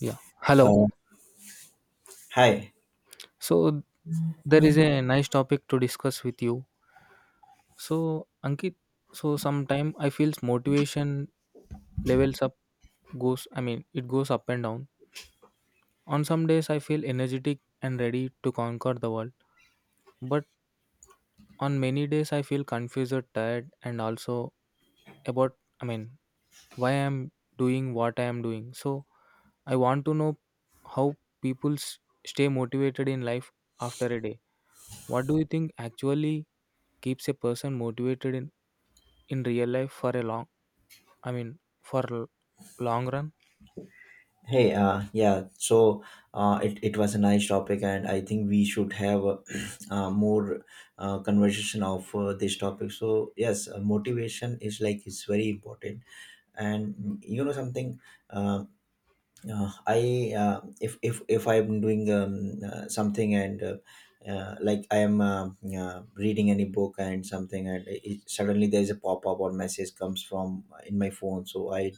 Yeah. Hello. Uh, hi. So there is a nice topic to discuss with you. So Ankit, so sometime I feels motivation levels up goes it goes up and down. On some days I feel energetic and ready to conquer the world. But on many days I feel confused, tired and also about I mean why I'm doing what I am doing. So I want to know how stay motivated in life after a day. What do you think actually keeps a person motivated in real life for a long I mean for l- long run? Hey, yeah. So, it was a nice topic, and I think we should have more conversation of this topic. So, yes, motivation is like it's very important. And you know something, uh, I if I'm doing something and like I am reading any book and something, and suddenly there is a pop up or message comes from in my phone. So I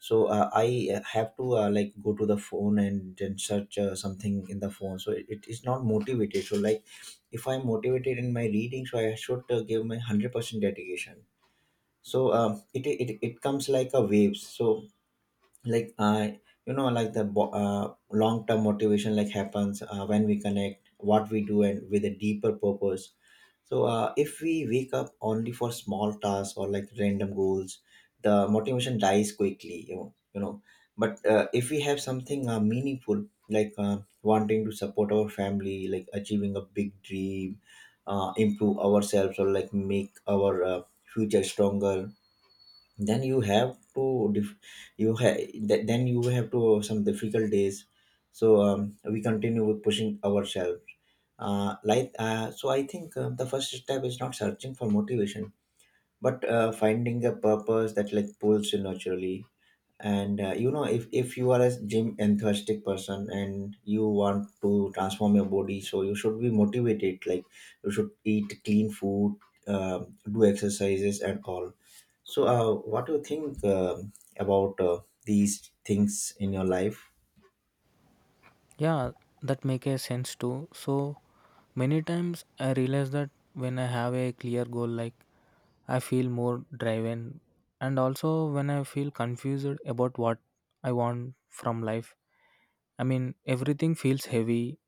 so uh, i uh, have to like go to the phone and then search something in the phone so it is not motivated, so like if I'm motivated in my reading, so I should give my 100% dedication. So it comes like a waves. So like I like the long term motivation like happens when we connect what we do and with a deeper purpose. So if we wake up only for small tasks or like random goals, the motivation dies quickly. You know, you know. But if we have something meaningful, like wanting to support our family, like achieving a big dream, improve ourselves, or like make our future stronger, then you have to dif- you have th- then you have to some difficult days. So we continue with pushing ourselves. So I think the first step is not searching for motivation, but finding a purpose that like pulls you naturally. And you know, if you are a gym enthusiastic person and you want to transform your body, so you should be motivated. Like you should eat clean food, do exercises and all. So what do you think about these things in your life? Yeah, that make a sense too. So many times I realize that when I have a clear goal like I feel more driven and also when I feel confused about what I want from life. I mean everything feels heavy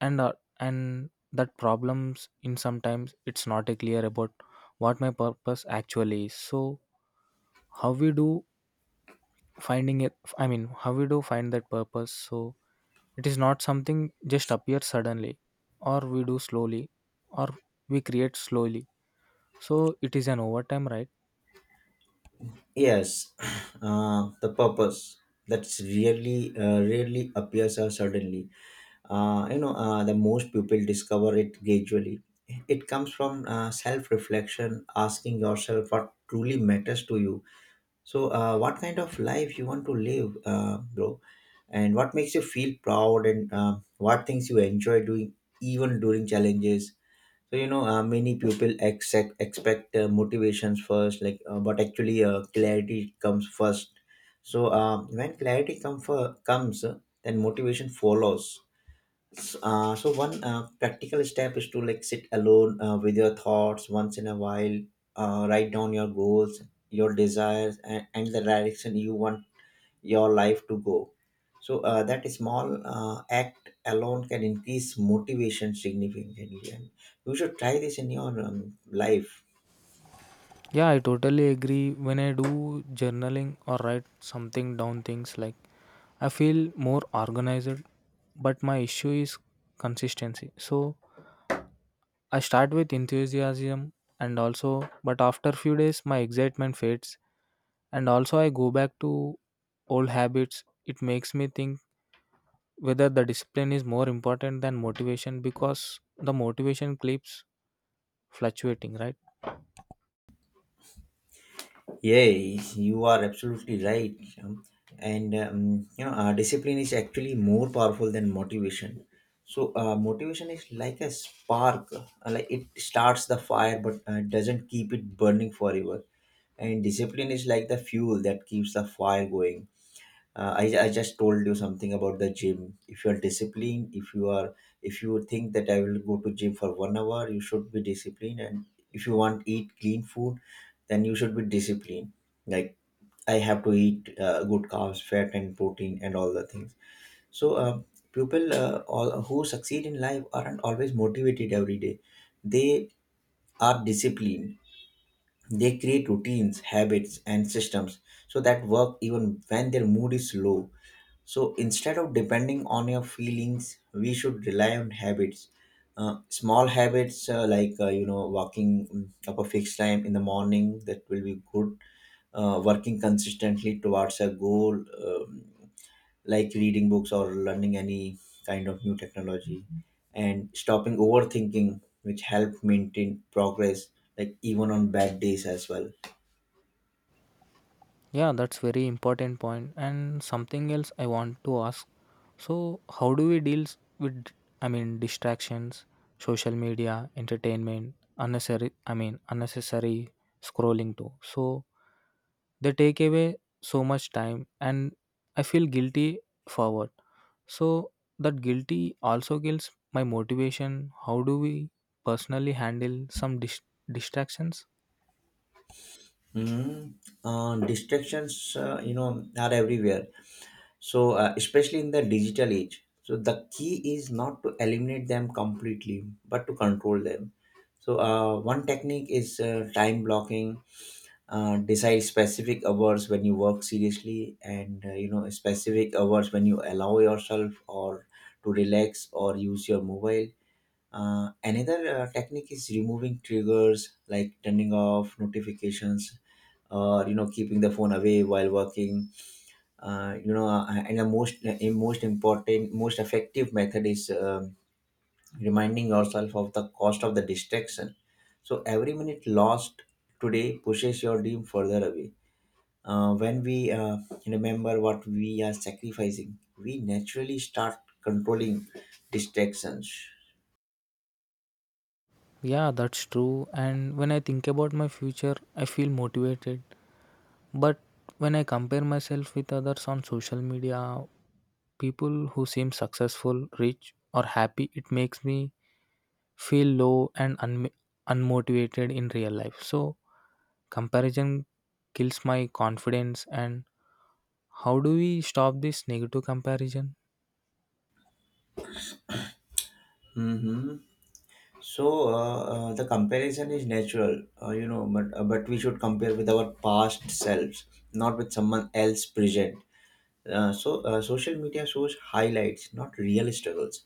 and uh, and that problems in sometimes it's not a clear about what my purpose actually is. So how we do finding it. How we do find that purpose? So it is not something just appears suddenly, or we do slowly, or we create slowly. So it is an overtime, right? Yes. The purpose, that's really really appears suddenly. You know, the most people discover it gradually. It comes from self-reflection, asking yourself what truly matters to you. So what kind of life you want to live, bro? And what makes you feel proud, and what things you enjoy doing even during challenges? So you know, many people expect motivations first, like but actually clarity comes first. So when comes, then motivation follows. So one practical step is to like sit alone with your thoughts once in a while. Write down your goals, your desires, and the direction you want your life to go. So that small act alone can increase motivation significantly, and you should try this in your life. Yeah, I totally agree. When I do journaling or write something down, things like I feel more organized, but my issue is consistency. So I start with enthusiasm and also, but after few days, my excitement fades, and also I go back to old habits. It makes me think whether the discipline is more important than motivation because the motivation keeps fluctuating, right? Yeah, you are absolutely right. um, and You know, discipline is actually more powerful than motivation. So motivation is like a spark, like it starts the fire, but doesn't keep it burning forever. And discipline is like the fuel that keeps the fire going. I just told you something about the gym. If you are disciplined, if you are, if you think that I will go to gym for 1 hour, you should be disciplined. And if you want eat clean food, then you should be disciplined. Like I have to eat good carbs, fat, and protein, and all the things. So people, who succeed in life aren't always motivated every day, they are disciplined. They create routines, habits, and systems so that work even when their mood is low. So instead of depending on your feelings, we should rely on habits. Small habits like you know, walking up a fixed time in the morning, that will be good. Working consistently towards a goal, like reading books or learning any kind of new technology, and stopping overthinking, which help maintain progress like even on bad days as well. Yeah, that's very important point. And something else I want to ask. So, how do we deals with distractions, social media, entertainment, unnecessary unnecessary scrolling too. So, they take away so much time and I feel guilty forward. So, that guilty also kills my motivation. How do we personally handle distractions? Mm, Distractions, you know, are everywhere, so especially in the digital age. So the key is not to eliminate them completely, but to control them. So one technique is time blocking. Decide specific hours when you work seriously, and you know, specific hours when you allow yourself or to relax or use your mobile. Another technique is removing triggers like turning off notifications or you know, keeping the phone away while working. And the most important, most effective method is reminding yourself of the cost of the distraction. So every minute lost today pushes your dream further away. When we remember what we are sacrificing, we naturally start controlling distractions. Yeah, that's true. And when I think about my future, I feel motivated. But when I compare myself with others on social media, people who seem successful, rich, or happy, it makes me feel low and un- unmotivated in real life. So, comparison kills my confidence. And how do we stop this negative comparison? Hmm. So the comparison is natural, you know, but we should compare with our past selves, not with someone else present. Social media shows highlights, not real struggles.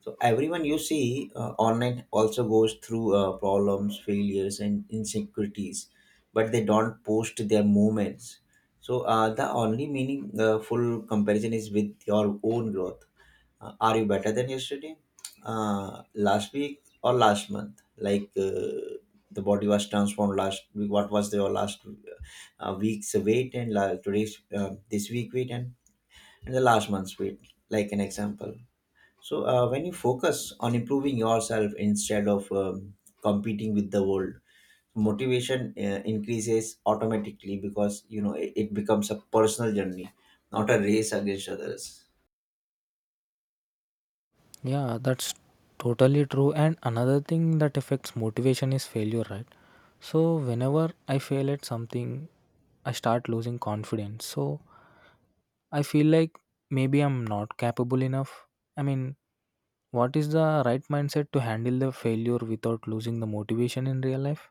So everyone you see online also goes through problems, failures, and insecurities, but they don't post their moments. So the only meaningful comparison is with your own growth. Are you better than yesterday, last week, or last month? Like the body was transformed last week. What was your last week's weight, and today's, this week weight, and in the last one sweet, like an example. So when you focus on improving yourself instead of competing with the world, motivation increases automatically, because you know it becomes a personal journey, not a race against others. Yeah, that's totally true. And another thing that affects motivation is failure, right? So, whenever I fail at something, I start losing confidence. So, I feel like maybe I'm not capable enough. I mean, what is the right mindset to handle the failure without losing the motivation in real life?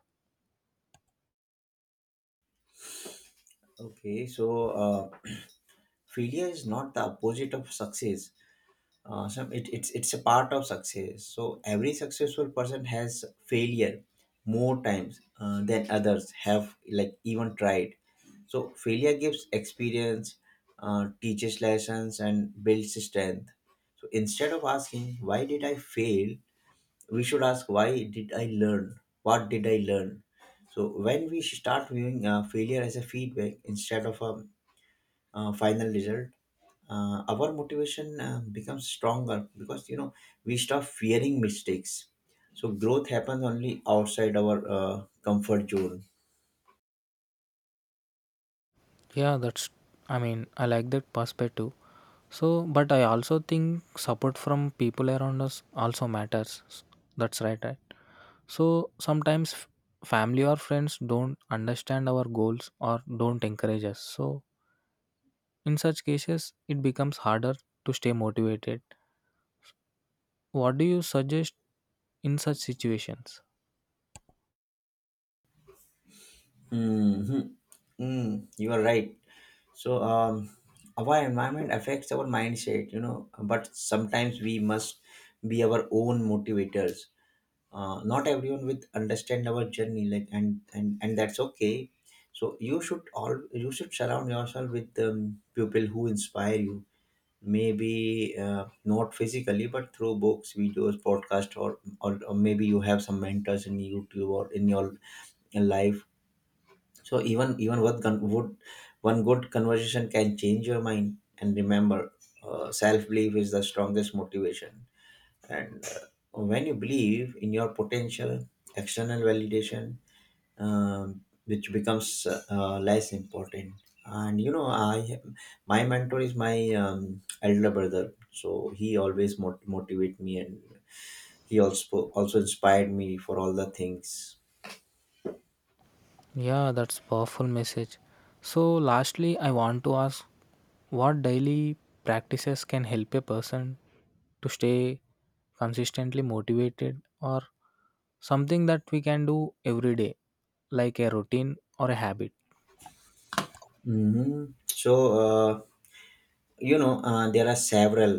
Okay, so failure is not the opposite of success. Awesome. It's a part of success. So every successful person has failure more times than others have like even tried. So failure gives experience, teaches lessons, and builds strength. So instead of asking why did I fail, we should ask why did I learn? What did I learn? So when we start viewing failure as a feedback instead of a final result, our motivation becomes stronger, because you know we stop fearing mistakes. So growth happens only outside our comfort zone. Yeah, that's, I mean, I like that perspective. So, but I also think support from people around us also matters. That's right, right? So sometimes family or friends don't understand our goals or don't encourage us. So in such cases, it becomes harder to stay motivated. What do you suggest in such situations? Hmm. Mm, you are right. So, our environment affects our mindset, you know, but sometimes we must be our own motivators. Not everyone with understand our journey, like, and that's okay. So you should all, you should surround yourself with people who inspire you, maybe not physically, but through books, videos, podcast, or maybe you have some mentors in youtube or in your life. So even even what con- would one good conversation can change your mind. And remember, self belief is the strongest motivation. And when you believe in your potential, external validation which becomes less important. And you know, I my mentor is my elder brother, so he always motivate me, and he also inspired me for all the things. Yeah, that's powerful message. So lastly, I want to ask what daily practices can help a person to stay consistently motivated, or something that we can do every day like a routine or a habit? Hmm. So uh, you know, there are several.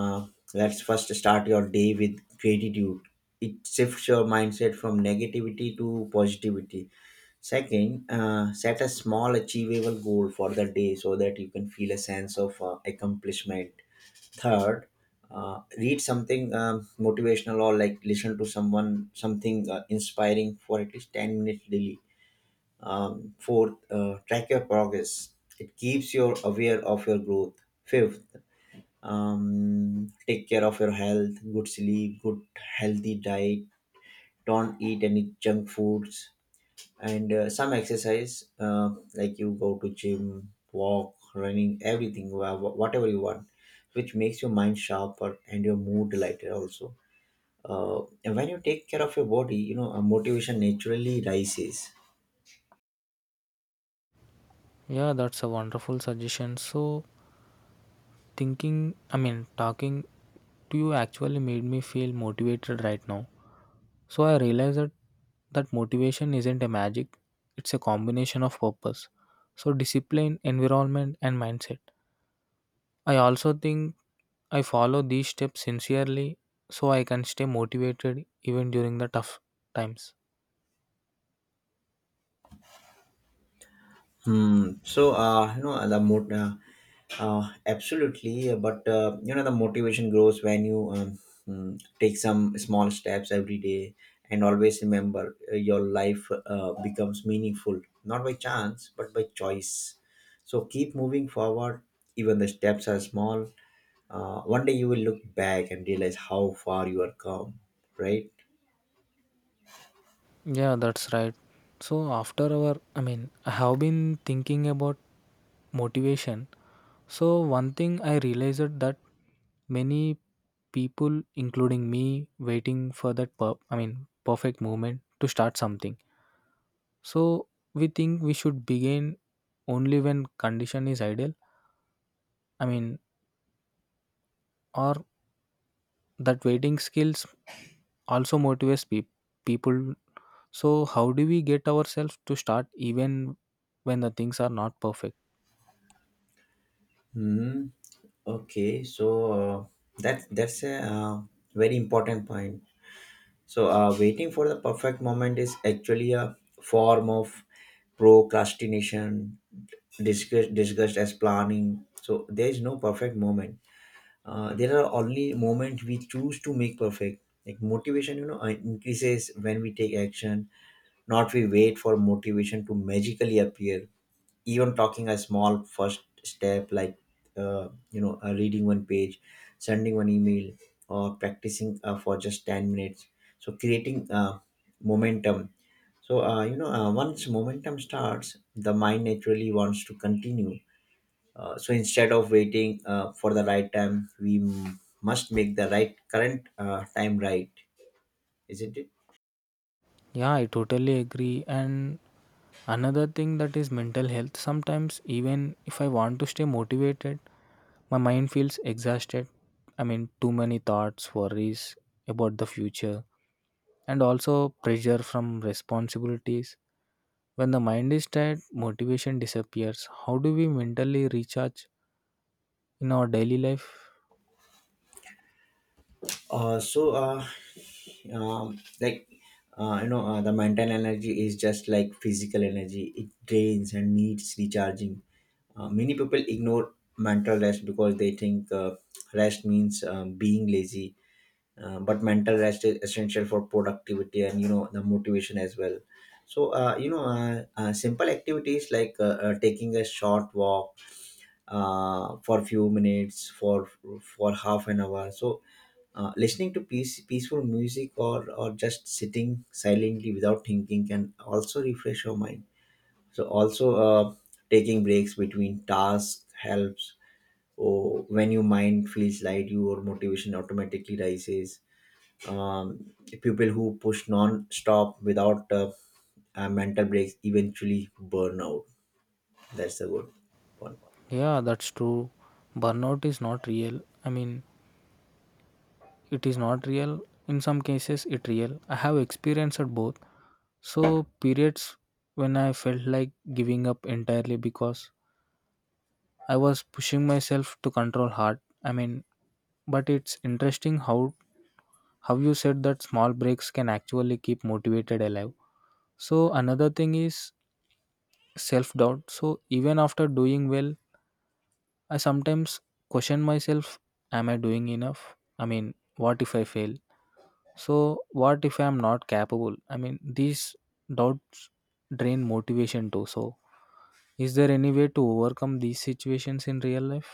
uh, let's first start your day with gratitude. It shifts your mindset from negativity to positivity. Second, set a small achievable goal for the day so that you can feel a sense of accomplishment. Third, read something motivational or like listen to someone something inspiring for at least 10 minutes daily. Fourth, track your progress. It keeps you aware of your growth. Fifth, take care of your health, good sleep, good healthy diet. Don't eat any junk foods, and some exercise like you go to gym, walk, running, everything, whatever you want, which makes your mind sharper and your mood lighter also. And when you take care of your body, you know, motivation naturally rises. Yeah, that's a wonderful suggestion. So, thinking, I mean, talking to you actually made me feel motivated right now. So, I realized that motivation isn't a magic, it's a combination of purpose. So, discipline, environment, and mindset. I also think I follow these steps sincerely so I can stay motivated even during the tough times. Hmm. so you know the mood absolutely, but you know the motivation grows when you take some small steps every day, and always remember your life becomes meaningful not by chance but by choice. So keep moving forward, even the steps are small. One day you will look back and realize how far you are come. Right? Yeah, that's right. So, after our, I mean, I have been thinking about motivation. So one thing I realized that many people, including me, waiting for that per- I mean perfect moment to start something. So we think we should begin only when condition is ideal. I mean, or that waiting skills also motivates people. So how do we get ourselves to start even when the things are not perfect? Hmm. Okay. So that's a very important point. So, waiting for the perfect moment is actually a form of procrastination, discussed as planning. So, there is no perfect moment. There are only moments we choose to make perfect. Like motivation, increases when we take action, not we wait for motivation to magically appear. Even talking a small first step like, reading one page, sending one email, or practicing for just 10 minutes, so creating momentum. So once momentum starts, the mind naturally wants to continue. So instead of waiting for the right time, we must make the right current time right, isn't it? Yeah, I totally agree. And another thing that is mental health. Sometimes, even if I want to stay motivated, my mind feels exhausted. I mean, too many thoughts, worries about the future, and also pressure from responsibilities. When the mind is tired, motivation disappears. How do we mentally recharge in our daily life? So, like, you know, The mental energy is just like physical energy. It drains and needs recharging. Many people ignore mental rest because they think rest means being lazy. But mental rest is essential for productivity and the motivation as well. So, simple activities like taking a short walk for few minutes, for half an hour. So listening to peaceful music, or just sitting silently without thinking can also refresh your mind. So also, taking breaks between tasks helps, or when your mind feels light, your motivation automatically rises. um, People who push non-stop without mental breaks eventually burn out. That's the good one. Yeah, that's true. Burnout is not real. I mean, it is not real in some cases it real. I have experienced both. So periods when I felt like giving up entirely because I was pushing myself to control hard, I mean, but it's interesting how you said that small breaks can actually keep motivated alive. So another thing is self doubt. So even after doing well I sometimes question myself, am I doing enough? I mean, what if I fail? So, what if I'm not capable? I mean, these doubts drain motivation too. So, is there any way to overcome these situations in real life?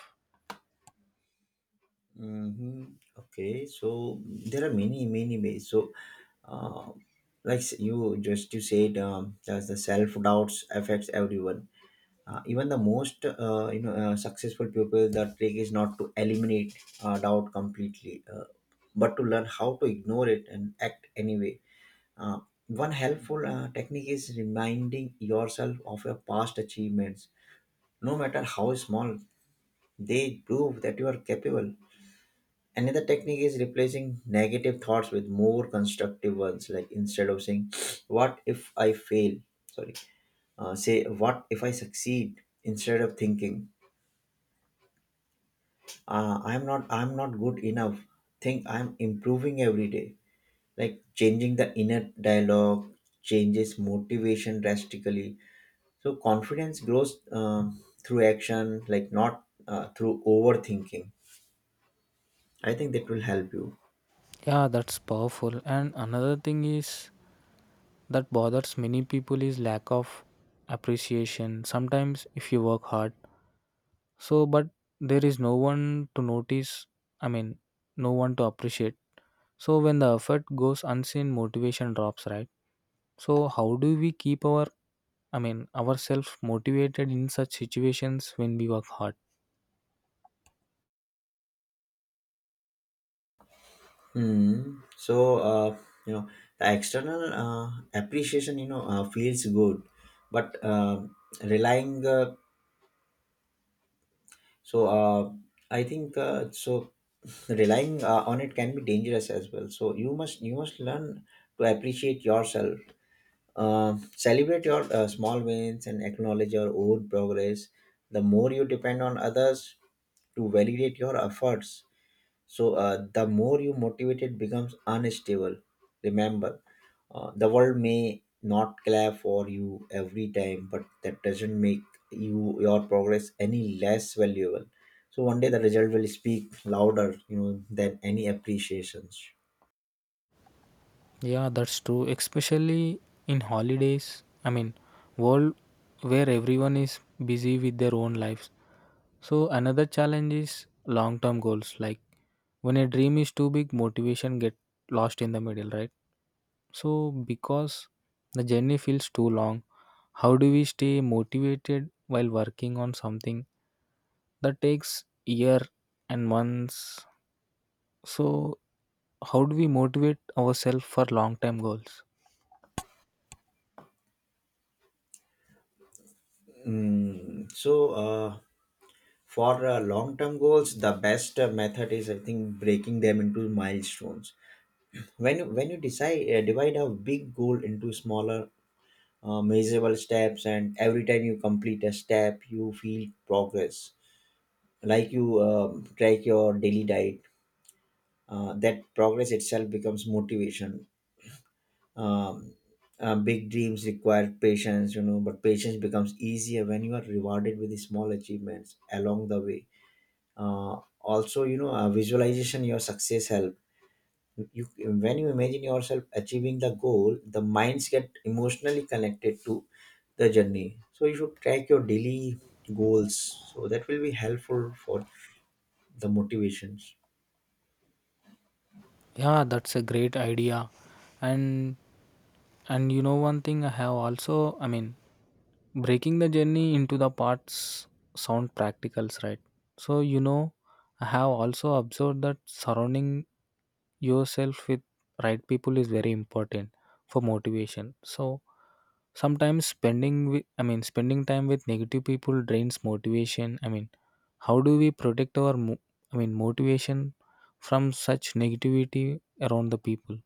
Mm-hmm. Okay, so there are many ways. So, uh, like, you said, that the self doubts affects everyone. Even the most successful people, the trick is not to eliminate doubt completely, but to learn how to ignore it and act anyway. Uh, One helpful technique is reminding yourself of your past achievements, no matter how small. They prove that you are capable. Another technique is replacing negative thoughts with more constructive ones. Like, instead of saying, "What if I fail?" Sorry, say, "What if I succeed?" Instead of thinking, "I'm not good enough," think, "I'm improving every day." Like, changing the inner dialogue changes motivation drastically. So confidence grows through action, like, not through overthinking. I think that will help you. Yeah, that's powerful. And another thing is that bothers many people is lack of appreciation. Sometimes, if you work hard, so but there is no one to notice, I mean, no one to appreciate. So, when the effort goes unseen, motivation drops, right? So, how do we keep our, I mean, ourselves motivated in such situations when we work hard. Hmm. So, uh, you know, the external appreciation, feels good, but relying, so I think so relying on it can be dangerous as well. So you must learn to appreciate yourself, celebrate your small wins, and acknowledge your own progress. The more you depend on others to validate your efforts, so the more you motivated becomes unstable. Remember, the world may not clap for you every time, but that doesn't make your progress any less valuable. So one day, the result will speak louder, than any appreciations. Yeah, that's true. Especially in holidays. I mean, world where everyone is busy with their own lives. So another challenge is long-term goals. Like when a dream is too big, motivation get lost in the middle, right? So because the journey feels too long, how do we stay motivated while working on something that takes year and months? So how do we motivate ourselves for long-term goals? Mm, so uh, for long-term goals, the best method is, I think, breaking them into milestones. When you decide divide a big goal into smaller measurable steps, and every time you complete a step you feel progress. Like, you track your daily diet. That progress itself becomes motivation. um, Big dreams require patience, you know, but patience becomes easier when you are rewarded with small achievements along the way. Also, visualization your success helps you. When you imagine yourself achieving the goal, the minds get emotionally connected to the journey. So you should track your daily goals. So that will be helpful for the motivations. Yeah, that's a great idea. And and you know one thing I have also, I mean, breaking the journey into the parts sound practicals, right? So you know, I have also observed that surrounding yourself with right people is very important for motivation. So sometimes spending with spending time with negative people drains motivation. I mean, how do we protect our mo- I mean motivation from such negativity around the people?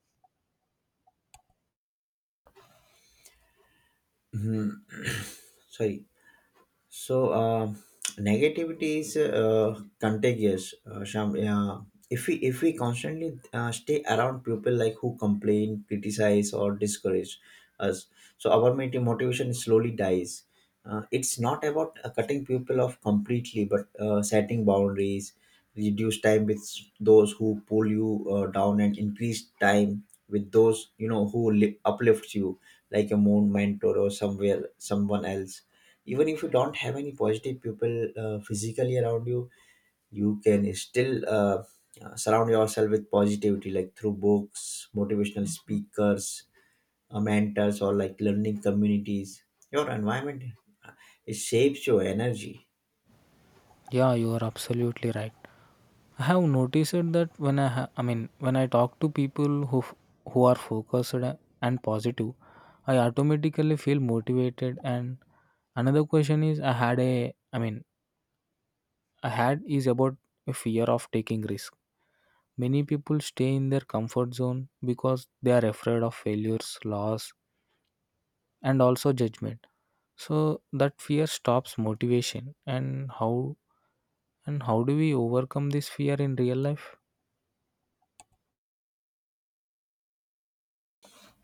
Sorry. So negativity is contagious, Sham. If we constantly stay around people, like who complain, criticize, or discourage us, so our motivation slowly dies. It's not about cutting people off completely, but setting boundaries, reduce time with those who pull you down, and increase time with those, you know, who uplifts you, like a moon mentor or somewhere someone else. Even if you don't have any positive people physically around you can still surround yourself with positivity, like through books, motivational speakers, mentors, or like learning communities. Your environment, uh, it shapes your energy. Yeah, you are absolutely right. I have noticed that when I ha- I mean when I talk to people who are focused and positive, I automatically feel motivated. And another question is I had is about a fear of taking risk. Many people stay in their comfort zone because they are afraid of failures, loss, and also judgment. So that fear stops motivation. And how do we overcome this fear in real life?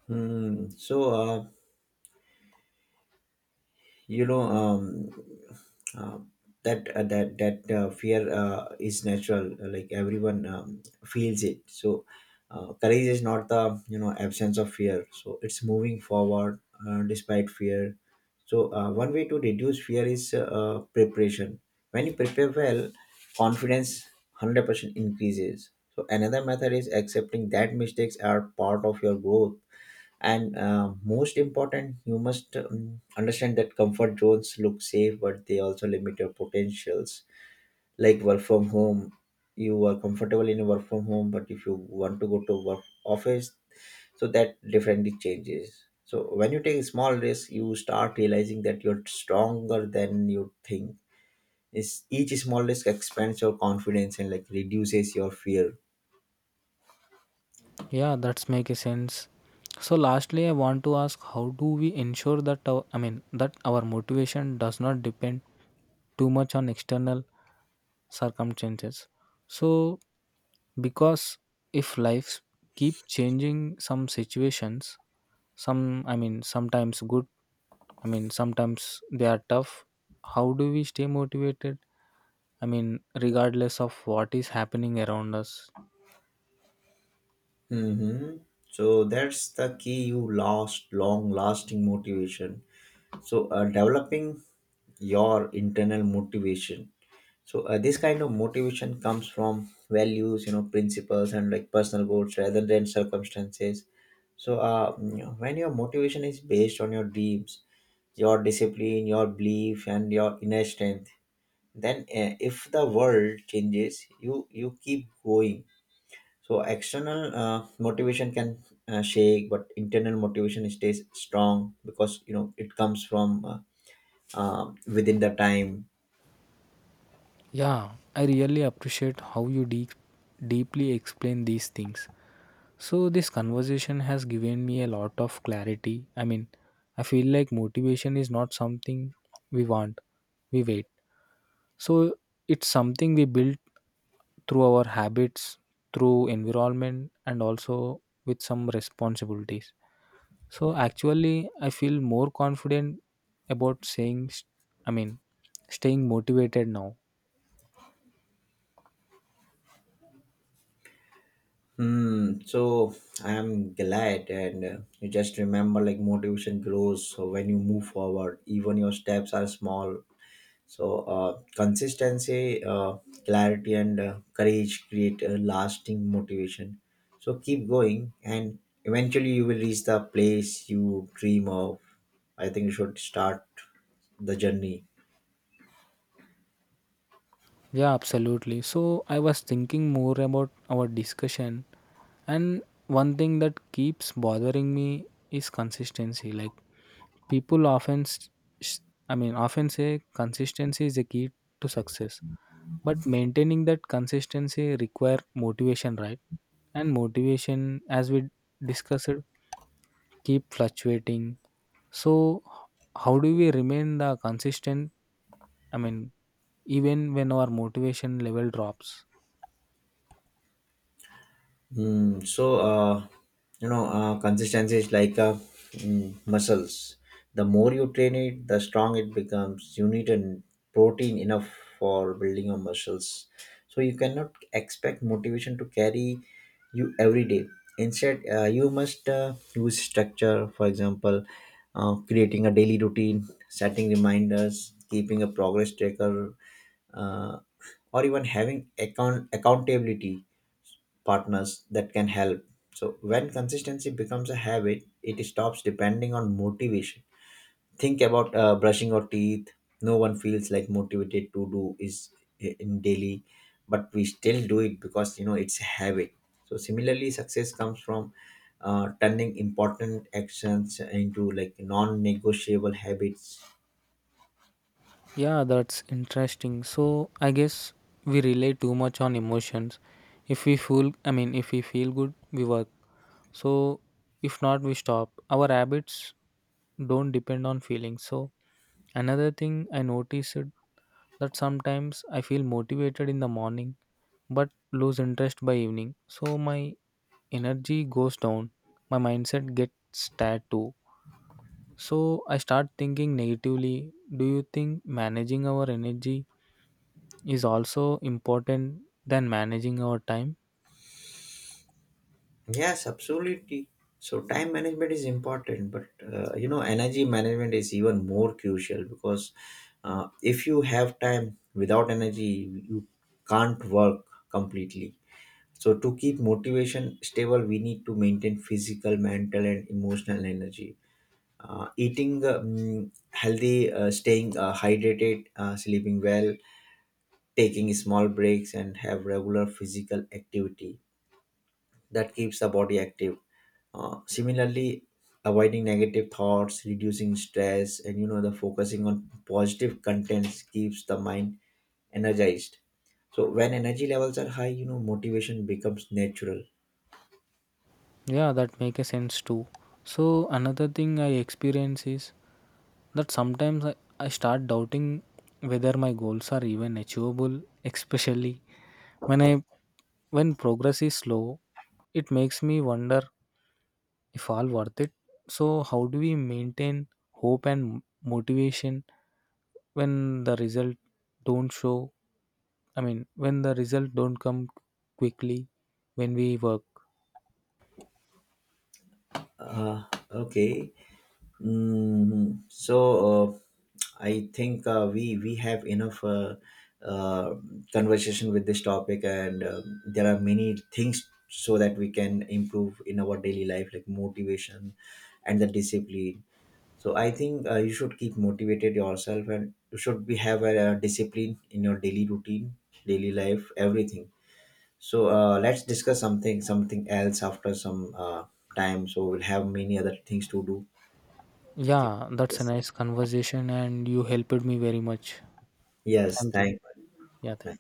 Hmm. You know um, uh, that fear is natural, like everyone feels it. So courage is not the, you know, absence of fear. So it's moving forward, despite fear. So one way to reduce fear is preparation. When you prepare well, confidence 100% increases. So another method is accepting that mistakes are part of your growth, and most important, you must understand that comfort zones look safe, but they also limit your potentials. Like work from home, you are comfortable in work from home, but if you want to go to work office, so that differently changes. So when you take small risk, you start realizing that you're stronger than you think. Is each small risk expands your confidence, and like reduces your fear. Yeah, that's make a sense. So lastly, I want to ask how do we ensure that our, I mean, that our motivation does not depend too much on external circumstances. So because if lives keep changing some situations, some, I mean, sometimes good, I mean sometimes they are tough. How do we stay motivated? I mean regardless of what is happening around us. Hmm. So that's the key. You lost long lasting motivation, so developing your internal motivation. So this kind of motivation comes from values, you know, principles, and like personal goals rather than circumstances. So when your motivation is based on your dreams, your discipline, your belief, and your inner strength, then if the world changes, you keep going. So external motivation can shake, but internal motivation stays strong, because, you know, it comes from within the time. Yeah, I really appreciate how you deep deeply explain these things. So, this conversation has given me a lot of clarity. I mean, I feel like motivation is not something we want, we wait. So, it's something we build through our habits, through environment, and also with some responsibilities. So, actually, I feel more confident about saying, st- I mean, staying motivated now. Hmm. So I am glad, and you just remember, like motivation grows when you move forward. Even your steps are small. So consistency, clarity, and courage create a lasting motivation. So keep going, and eventually you will reach the place you dream of. I think you should start the journey. Yeah, absolutely. So I was thinking more about our discussion, and one thing that keeps bothering me is consistency. Like people often, s- often say consistency is the key to success, but maintaining that consistency require motivation, right? And motivation, as we discussed, keep fluctuating. So how do we remain the consistent? I mean, even when our motivation level drops. Mm, so, uh, Consistency is like muscles. The more you train it, the strong it becomes. You need an protein enough for building your muscles. So you cannot expect motivation to carry you every day. Instead, you must use structure. For example, creating a daily routine, setting reminders, keeping a progress tracker, uh, or even having accountability partners that can help. So when consistency becomes a habit, it stops depending on motivation. Think about brushing your teeth. No one feels like motivated to do is in daily, but we still do it because, you know, it's a habit. So similarly, success comes from turning important actions into like non-negotiable habits. Yeah, that's interesting. So I guess we rely too much on emotions. If we feel, I mean, if we feel good, we work. So if not, we stop. Our habits don't depend on feelings. So another thing I noticed that sometimes I feel motivated in the morning but lose interest by evening. So my energy goes down. My mindset gets tired too. So I start thinking negatively. Do you think managing our energy is also important than managing our time? Yes, absolutely. So time management is important, but energy management is even more crucial, because if you have time without energy, you can't work completely. So to keep motivation stable, we need to maintain physical, mental, and emotional energy. Eating healthy, staying hydrated, sleeping well, taking small breaks, and have regular physical activity that keeps the body active. Similarly, avoiding negative thoughts, reducing stress, and, you know, the focusing on positive contents keeps the mind energized. So when energy levels are high, you know, motivation becomes natural. Yeah, that make a sense too. So another thing I experience is that sometimes I start doubting whether my goals are even achievable, especially when i when progress is slow. It makes me wonder if all worth it. So how do we maintain hope and motivation when the result don't show, I mean, when the result don't come quickly when we work? Uh, okay. Mm, so uh, I think we have enough uh, conversation with this topic, and there are many things so that we can improve in our daily life, like motivation and the discipline. So I think you should keep motivated yourself, and you should be have a, discipline in your daily routine, daily life, everything. So let's discuss something else after some time. So we'll have many other things to do. Yeah, that's a Yes. nice conversation and you helped me very much. Yes, Thank you. thank Yeah, thank you.